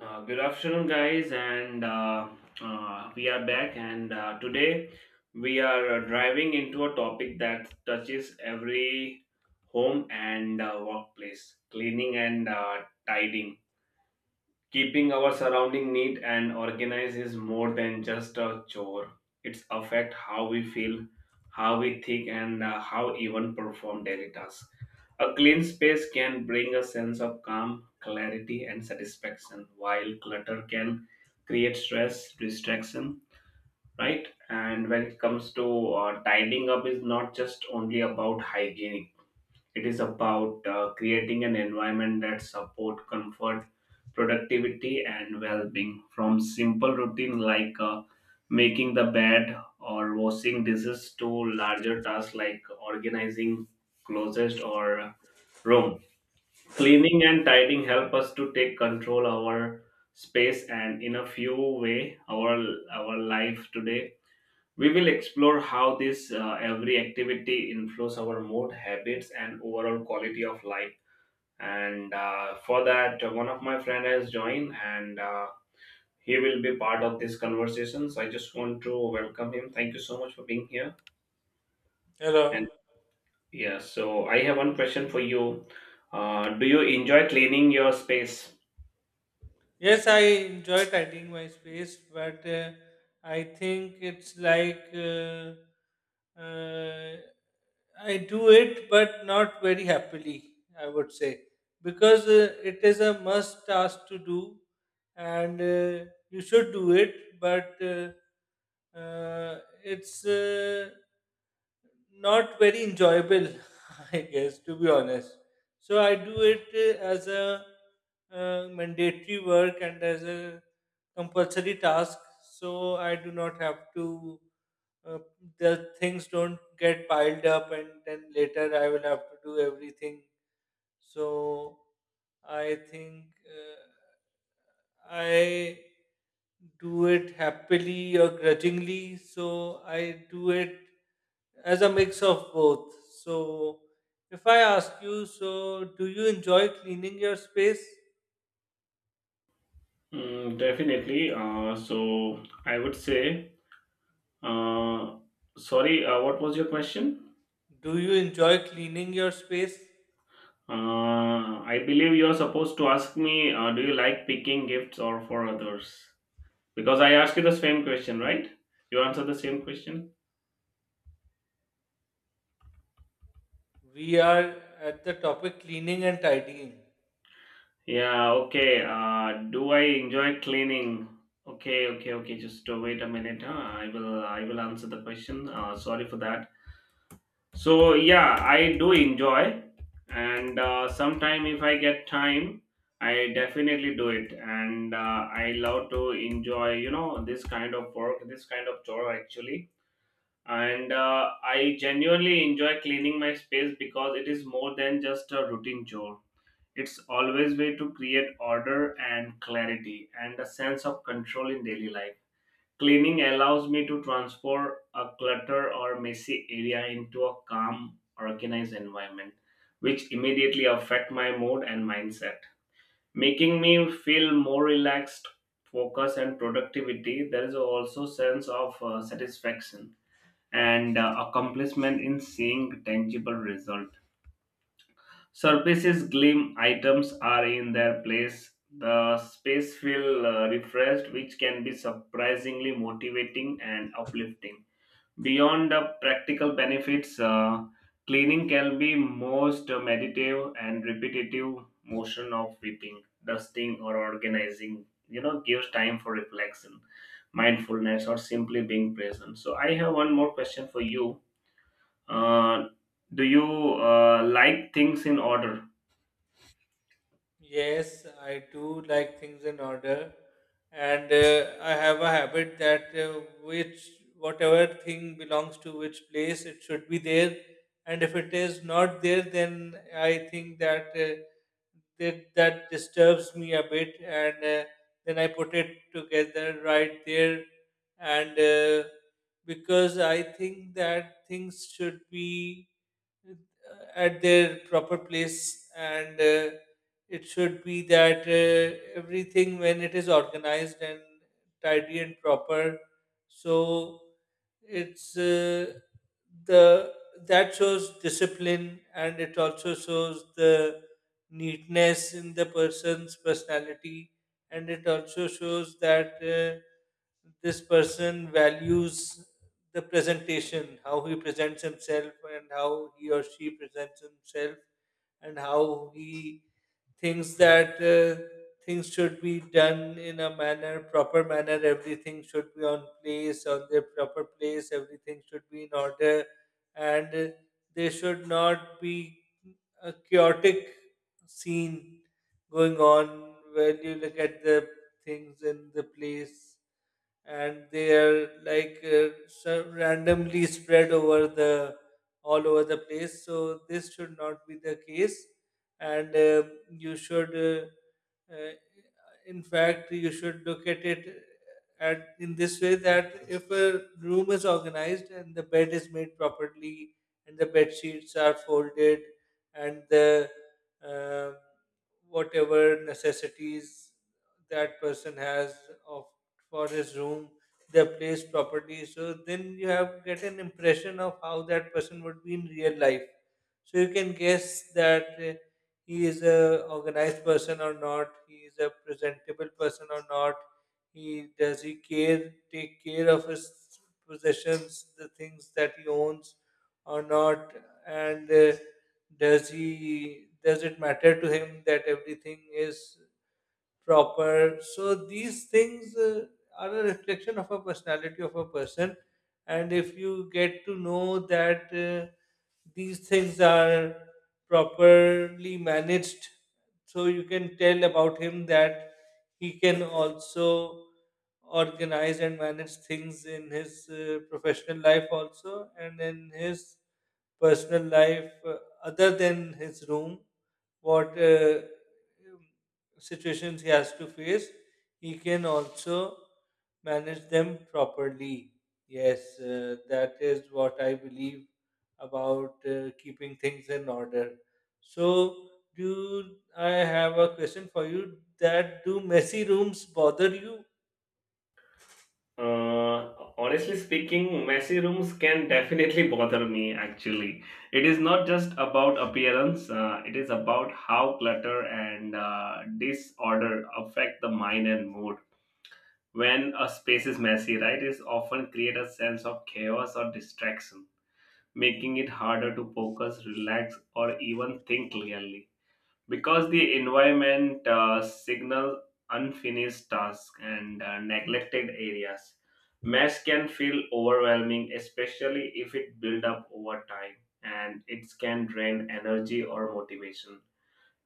Good afternoon, guys, and we are back. And Today we are driving into a topic that touches every home and workplace cleaning and tidying. Keeping our surrounding neat and organized is more than just a chore. It's affect how we feel, how we think, and how even perform daily tasks. A clean space can bring a sense of calm, clarity, and satisfaction, while clutter can create stress, distraction, right? And when it comes to tidying up, is not just only about hygiene, it is about creating an environment that support comfort, productivity, and well-being from simple routine like making the bed or washing dishes to larger tasks like organizing closets or room. Cleaning and tidying help us to take control our space and in a few way our life. Today we will explore how this every activity influence our mood, habits, and overall quality of life. And For that, one of my friend has joined, and he will be part of this conversation. So I just want to welcome him. Thank you so much for being here. And Hello. yeah, so I have one question for you. Do you enjoy cleaning your space? Yes, I enjoy tidying my space, but I think it's like uh, I do it, but not very happily, I would say, because it is a must task to do, and you should do it, but it's not very enjoyable, I guess, to be honest. So I do it as a mandatory work and as a compulsory task. So I do not have to. Uh, the things don't get piled up, and then later I will have to do everything. So I think I do it happily or grudgingly. So I do it as a mix of both. So, if I ask you, so do you enjoy cleaning your space? Mm, definitely. So I would say. Uh, Sorry, what was your question? Do you enjoy cleaning your space? I believe you're supposed to ask me, do you like picking gifts or for others? Because I asked you the same question, right? You answered the same question? We are at the topic cleaning and tidying. Yeah, okay. Do I enjoy cleaning? Okay, okay, okay. Just wait a minute. Huh? I will answer the question. Sorry for that. So yeah, I do enjoy, and sometime if I get time, I definitely do it, and I love to enjoy you know this kind of work, this kind of chore actually, and I genuinely enjoy cleaning my space because it is more than just a routine chore. It's always way to create order and clarity and a sense of control in daily life. Cleaning allows me to transform a clutter or messy area into a calm, organized environment, which immediately affect my mood and mindset, making me feel more relaxed, focus, and productivity. There is also sense of satisfaction and accomplishment in seeing tangible result. Surfaces gleam, items are in their place. The space feel refreshed, which can be surprisingly motivating and uplifting. Beyond the practical benefits, cleaning can be most meditative and repetitive motion of sweeping, dusting, or organizing. You know, gives time for reflection, mindfulness, or simply being present. So, I have one more question for you. Uh, do you like things in order? Yes, I do like things in order, and I have a habit that which whatever thing belongs to which place, it should be there. And if it is not there, then I think that that disturbs me a bit, and then I put it together right there. And because I think that things should be at their proper place, and it should be that everything when it is organized and tidy and proper, so it's the that shows discipline, and it also shows the neatness in the person's personality, and it also shows that this person values the presentation, how he presents himself, and how he or she presents himself, and how he thinks that things should be done in a manner, proper manner. Everything should be on place, on their proper place. Everything should be in order, and there should not be a chaotic scene going on where you look at the things in the place, and they are like so randomly spread over the all over the place. So this should not be the case, and you should uh, in fact, you should look at it at in this way that if a room is organized and the bed is made properly and the bed sheets are folded and the uh, whatever necessities that person has of for his room, they're placed properly. So then you have get an impression of how that person would be in real life. So you can guess that he is a organized person or not, he is a presentable person or not, he does, he care, take care of his possessions, the things that he owns, or not. And does he, does it matter to him that everything is proper. So these things are a reflection of a personality of a person, and if you get to know that these things are properly managed, so you can tell about him that he can also organize and manage things in his professional life also, and in his personal life, other than his room, what situations he has to face, he can also manage them properly. Yes, that is what I believe about keeping things in order. So, do I have a question for you? That do messy rooms bother you? Honestly speaking, messy rooms can definitely bother me actually. It is not just about appearance, it is about how clutter and disorder affect the mind and mood. When a space is messy, right, it often create a sense of chaos or distraction, making it harder to focus, relax, or even think clearly because the environment signal unfinished tasks and neglected areas, mess can feel overwhelming, especially if it builds up over time, and it can drain energy or motivation,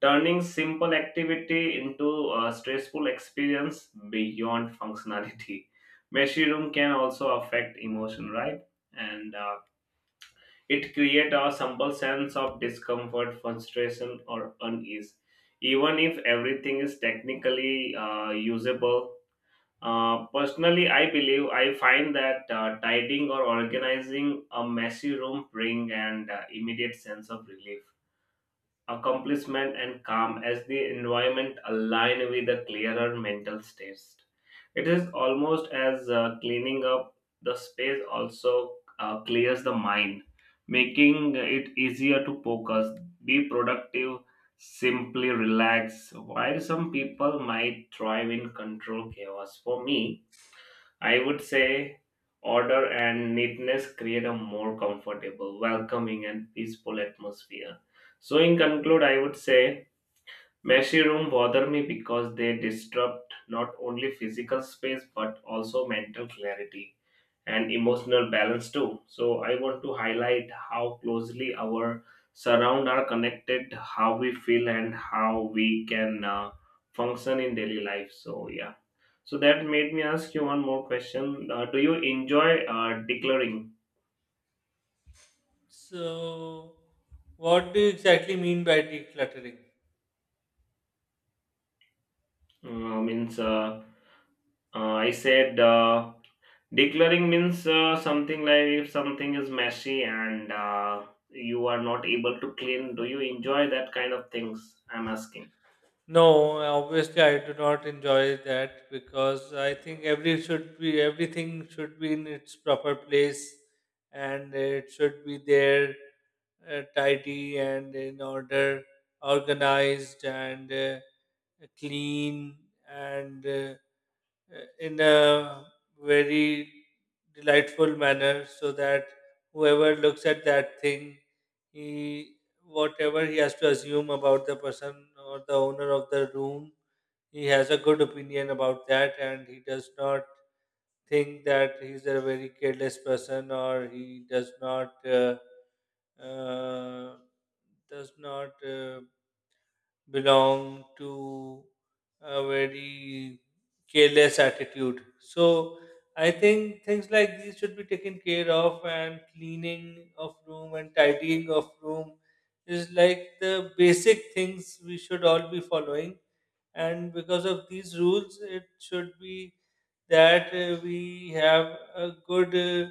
turning simple activity into a stressful experience beyond functionality. Messy room can also affect emotion, right, and it creates a simple sense of discomfort, frustration, or unease. Even if everything is technically usable, personally, I believe I find that tidying or organizing a messy room bring an immediate sense of relief, accomplishment, and calm as the environment align with a clearer mental state. It is almost as cleaning up the space also clears the mind, making it easier to focus, be productive, simply relax. While some people might thrive in control chaos, for me, I would say order and neatness create a more comfortable, welcoming, and peaceful atmosphere. So, in conclude, I would say messy rooms bother me because they disrupt not only physical space but also mental clarity and emotional balance too. So I want to highlight how closely our surround are connected, how we feel and how we can function in daily life. So yeah. So that made me ask you one more question. Do you enjoy declaring? So, what do you exactly mean by decluttering? Means I said. Declaring means something like, if something is messy and you are not able to clean, do you enjoy that kind of things? I'm asking. No, obviously I do not enjoy that, because I think every should be, everything should be in its proper place, and it should be there tidy and in order, organized and clean, and in a very delightful manner so that whoever looks at that thing, he, whatever he has to assume about the person or the owner of the room, he has a good opinion about that, and he does not think that he's a very careless person, or he uh, does not belong to a very careless attitude. So I think things like these should be taken care of, and cleaning of room and tidying of room is like the basic things we should all be following, and because of these rules it should be that we have a good uh,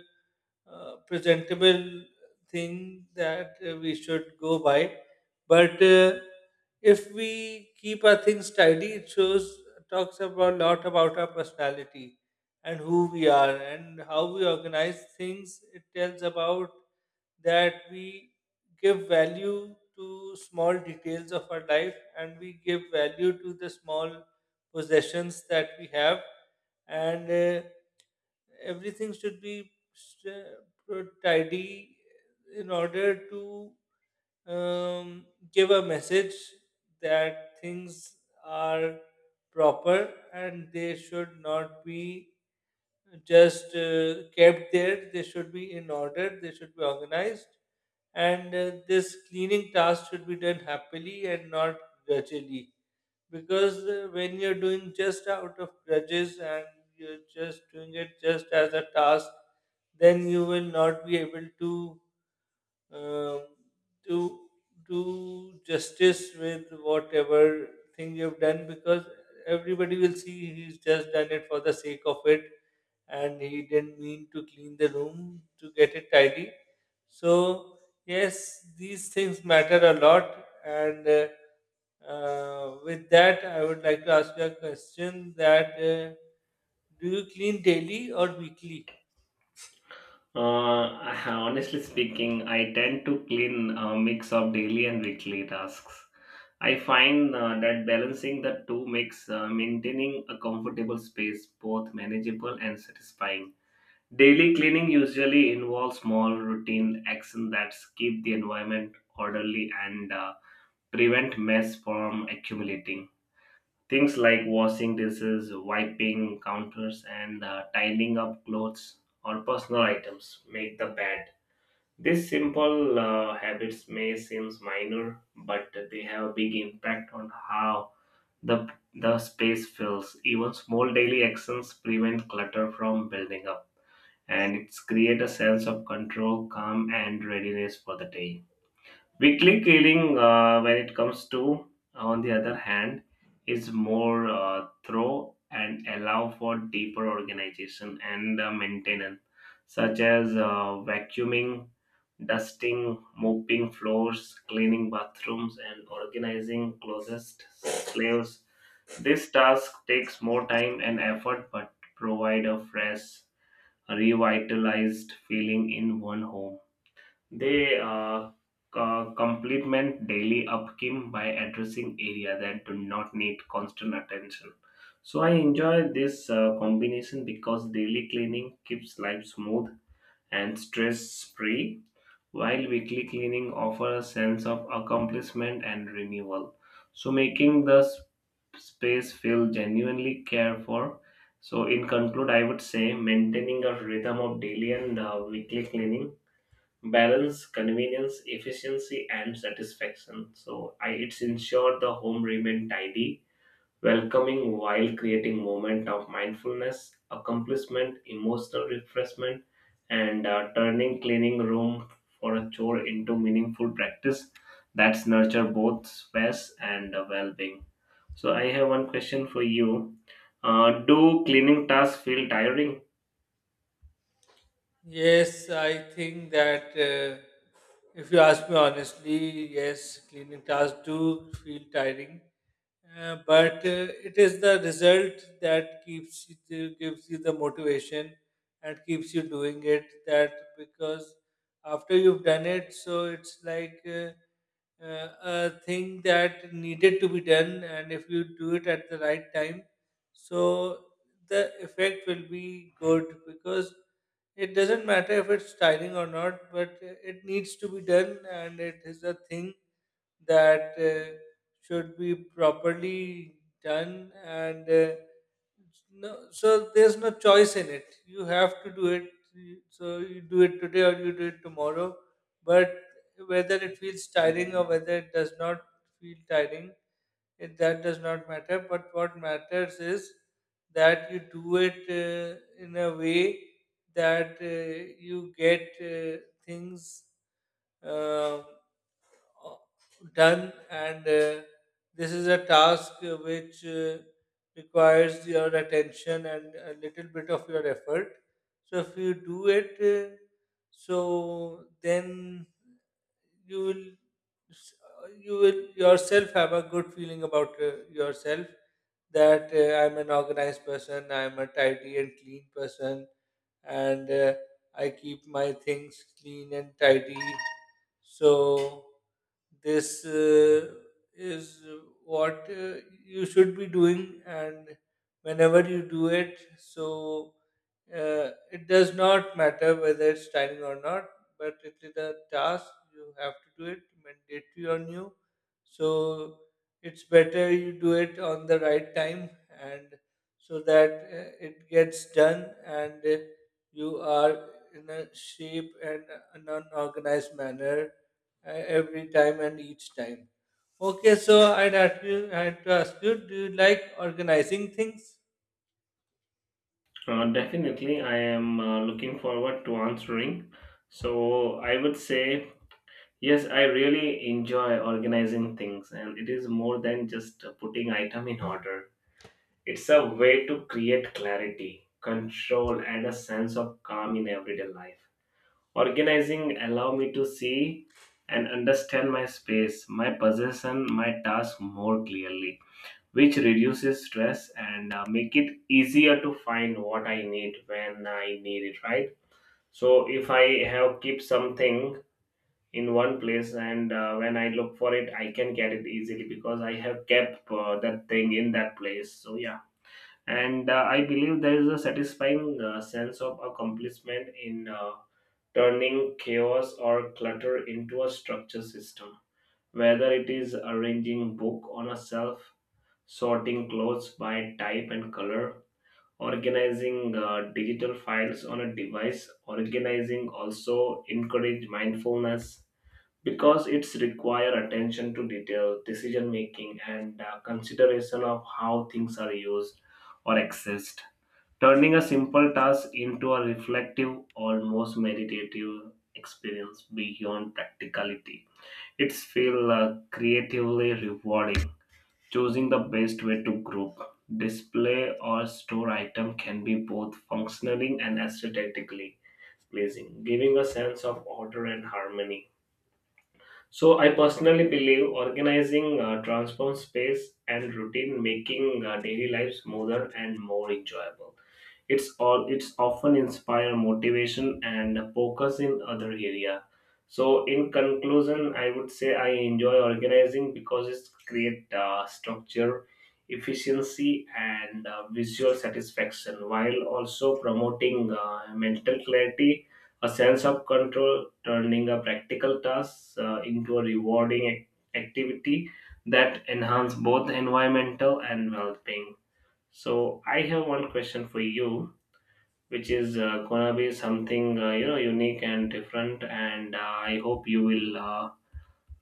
uh, presentable thing that we should go by. But if we keep our things tidy, it shows, talks about a lot about our personality and who we are, and how we organize things, it tells about that we give value to small details of our life, and we give value to the small possessions that we have. And everything should be tidy in order to um, give a message that things are proper and they should not be just kept there. They should be in order, they should be organized, and this cleaning task should be done happily and not grudgingly. Because when you're doing just out of grudges, and you're just doing it just as a task, then you will not be able to um do do justice with whatever thing you've done, because everybody will see he's just done it for the sake of it, and he didn't mean to clean the room to get it tidy. So, yes, these things matter a lot. And With that, I would like to ask you a question that do you clean daily or weekly? Honestly speaking, I tend to clean a mix of daily and weekly tasks. I find that balancing the two makes maintaining a comfortable space both manageable and satisfying. Daily cleaning usually involves small routine actions that keep the environment orderly and prevent mess from accumulating. Things like washing dishes, wiping counters, and tidying up clothes or personal items, make the bed. These simple habits may seem minor, but they have a big impact on how the the space feels. Even small daily actions prevent clutter from building up, and it's create a sense of control, calm, and readiness for the day. Weekly killing, when it comes to, on the other hand, is more thorough and allow for deeper organization and maintenance, such as vacuuming, dusting, mopping floors, cleaning bathrooms, and organizing closest slaves. This task takes more time and effort, but provide a fresh, revitalized feeling in one home. They complement daily upkeep by addressing areas that do not need constant attention. So I enjoy this combination because daily cleaning keeps life smooth and stress-free, while weekly cleaning offers a sense of accomplishment and renewal. So making the space feel genuinely cared for. So in conclude, I would say maintaining a rhythm of daily and weekly cleaning balance convenience, efficiency, and satisfaction. So I, it's ensured the home remain tidy, welcoming, while creating moment of mindfulness, accomplishment, emotional refreshment, and turning cleaning room for a chore into meaningful practice that's nurture both space and well-being. So I have one question for you. Do cleaning tasks feel tiring? Yes, I think that if you ask me honestly, yes, cleaning tasks do feel tiring. But it is the result that keeps you gives you the motivation and keeps you doing it, that because after you've done it, so it's like uh, a thing that needed to be done, and if you do it at the right time, so the effect will be good, because it doesn't matter if it's styling or not, but it needs to be done, and it is a thing that should be properly done. And no, so there's no choice in it. You have to do it. So you do it today or you do it tomorrow. But whether it feels tiring or whether it does not feel tiring, it, that does not matter. But what matters is that you do it in a way that you get things. um uh, Done, and this is a task which requires your attention and a little bit of your effort. So if you do it, so then you will s- you will yourself have a good feeling about yourself, that I'm an organized person, I'm a tidy and clean person, and I keep my things clean and tidy. So this is what you should be doing, and whenever you do it, so it does not matter whether it's timing or not, but it is a task, you have to do it mandatory on you. So it's better you do it on the right time, and so that it gets done. And you are in a shape and an unorganized manner every time and each time. Okay, so I'd ask you, I had to ask you, do you like organizing things? Definitely, I am looking forward to answering. So, I would say, yes, I really enjoy organizing things, and it is more than just putting item in order. It's a way to create clarity, control, and a sense of calm in everyday life. Organizing allow me to see and understand my space, my possession, my task more clearly, which reduces stress and make it easier to find what I need when I need it, right? So if I have keep something in one place and when I look for it I can get it easily because I have kept that thing in that place, so yeah. And I believe there is a satisfying sense of accomplishment in turning chaos or clutter into a structure system, whether it is arranging book on a shelf, sorting clothes by type and color, organizing digital files on a device. Organizing also encourage mindfulness because it's require attention to detail, decision making, and consideration of how things are used or accessed. Turning a simple task into a reflective, almost meditative experience beyond practicality. It's feel creatively rewarding. Choosing the best way to group, display, or store item can be both functionally and aesthetically pleasing, giving a sense of order and harmony. So, I personally believe organizing transforms space and routine, making daily life smoother and more enjoyable. It's all it's often inspire motivation and focus in other area. So in conclusion I would say I enjoy organizing because it's create structure, efficiency, and visual satisfaction, while also promoting mental clarity, a sense of control, turning a practical task into a rewarding activity that enhance both environmental and well-being. So I have one question for you, which is gonna be something you know unique and different, and I hope you will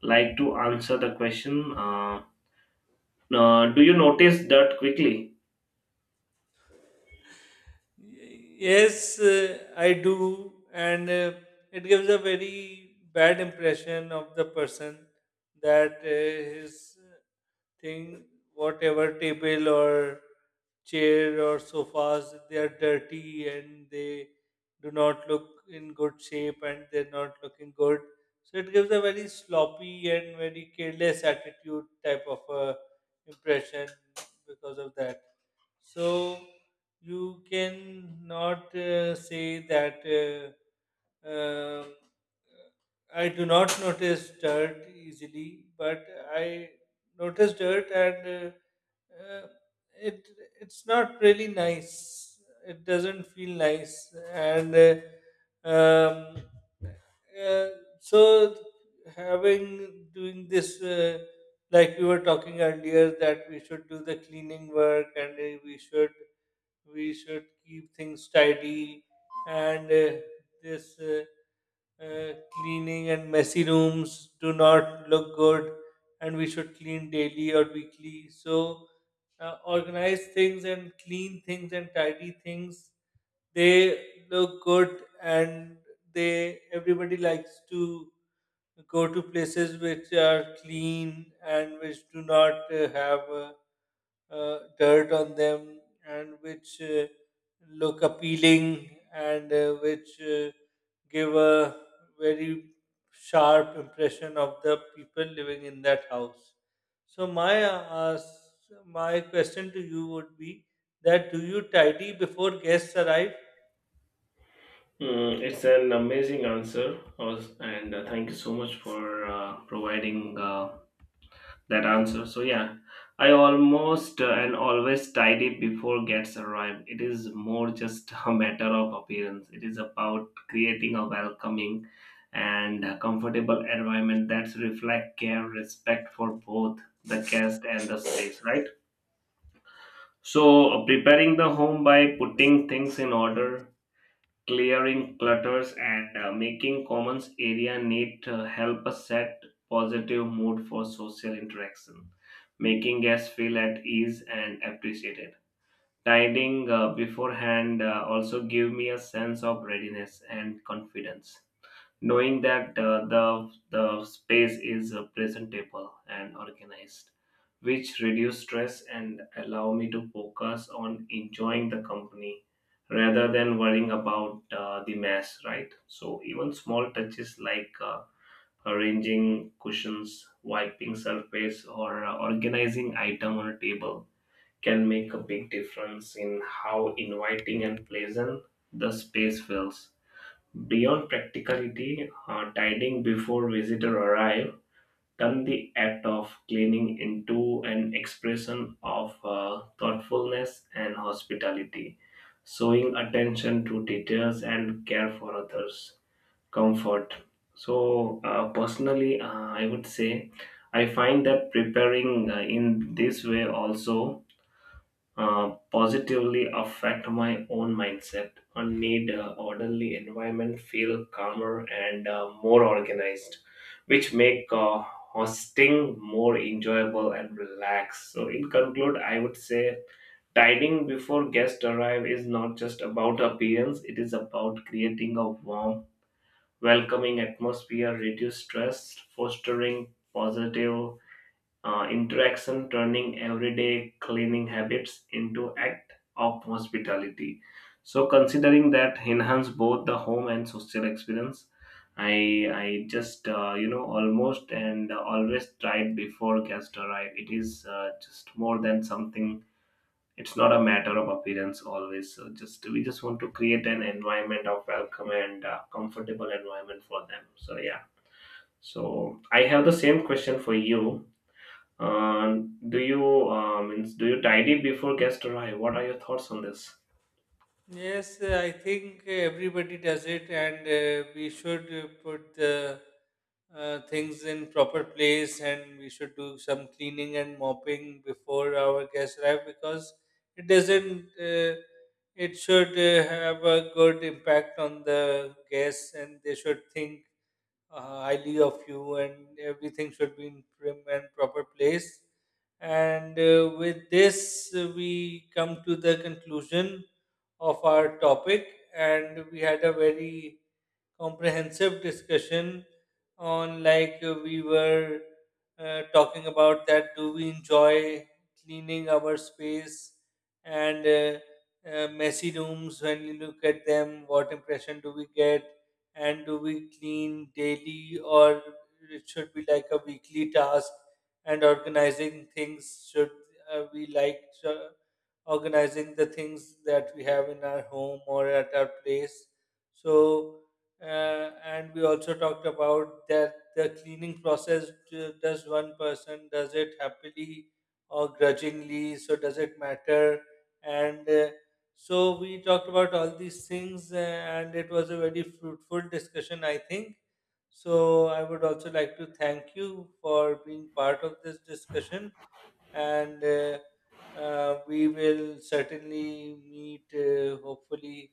like to answer the question. Do you notice that quickly? Yes, I do, and it gives a very bad impression of the person, that his thing, whatever table or chair or sofas, they are dirty and they do not look in good shape and they're not looking good. So it gives a very sloppy and very careless attitude type of a impression because of that. So you can not say that. Um, I do not notice dirt easily, but I notice dirt, and uh, uh, it, it's not really nice. It doesn't feel nice, and um, uh, so having doing this. Like we were talking earlier that we should do the cleaning work, and we should keep things tidy, and this cleaning and messy rooms do not look good, and we should clean daily or weekly. So organize things and clean things and tidy things, they look good, and they, everybody likes to go to places which are clean and which do not have dirt on them, and which look appealing, and which give a very sharp impression of the people living in that house. So my my question to you would be that do you tidy before guests arrive? Mm, it's an amazing answer, and thank you so much for providing that answer. So yeah, I almost and always tidy before gets arrived. It is more just a matter of appearance. It is about creating a welcoming and a comfortable environment that reflect care, respect for both the guest and the space, right? So preparing the home by putting things in order, clearing clutters and making commons area neat help us set positive mood for social interaction, making guests feel at ease and appreciated. Tidying beforehand also give me a sense of readiness and confidence, knowing that the space is presentable and organized, which reduce stress and allow me to focus on enjoying the company rather than worrying about the mess, right? So even small touches like arranging cushions, wiping surface, or organizing item on a table can make a big difference in how inviting and pleasant the space feels. Beyond practicality, tidying before visitor arrive turn the act of cleaning into an expression of thoughtfulness and hospitality, showing attention to details and care for others' comfort. So, personally, I would say I find that preparing in this way also positively affect my own mindset and made orderly environment feel calmer and more organized, which make hosting more enjoyable and relaxed. So in conclude I would say tidying before guests arrive is not just about appearance, it is about creating a warm, welcoming atmosphere, reduce stress, fostering positive interaction, turning everyday cleaning habits into act of hospitality, so considering that enhance both the home and social experience. i I just you know almost and always tried before guests arrive. It is just more than something, it's not a matter of appearance always, so just we just want to create an environment of welcome and comfortable environment for them, so yeah. So I have the same question for you. uh, do you means do you tidy before guests arrive? What are your thoughts on this? Yes, I think everybody does it, and we should put the things in proper place, and we should do some cleaning and mopping before our guests arrive, because it doesn't. It should have a good impact on the guests, and they should think highly of you, and everything should be in prim and proper place. And with this, we come to the conclusion of our topic, and we had a very comprehensive discussion on, like we were talking about that do we enjoy cleaning our space, and messy rooms, when you look at them, what impression do we get, and do we clean daily or it should be like a weekly task, and organizing things, should we like uh, organizing the things that we have in our home or at our place. So and we also talked about that the cleaning process does one person does it happily or grudgingly, so does it matter. And so we talked about all these things, and it was a very fruitful discussion, I think. So I would also like to thank you for being part of this discussion, and we will certainly meet hopefully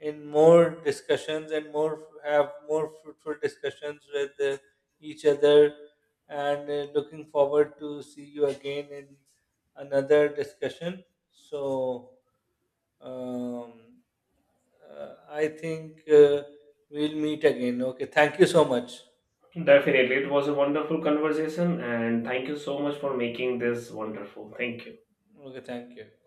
in more discussions, and more, have more fruitful discussions with each other. And looking forward to see you again in another discussion. So um, I think we'll meet again. Okay, thank you so much. Definitely, it was a wonderful conversation, and thank you so much for making this wonderful. Thank you. Okay, thank you.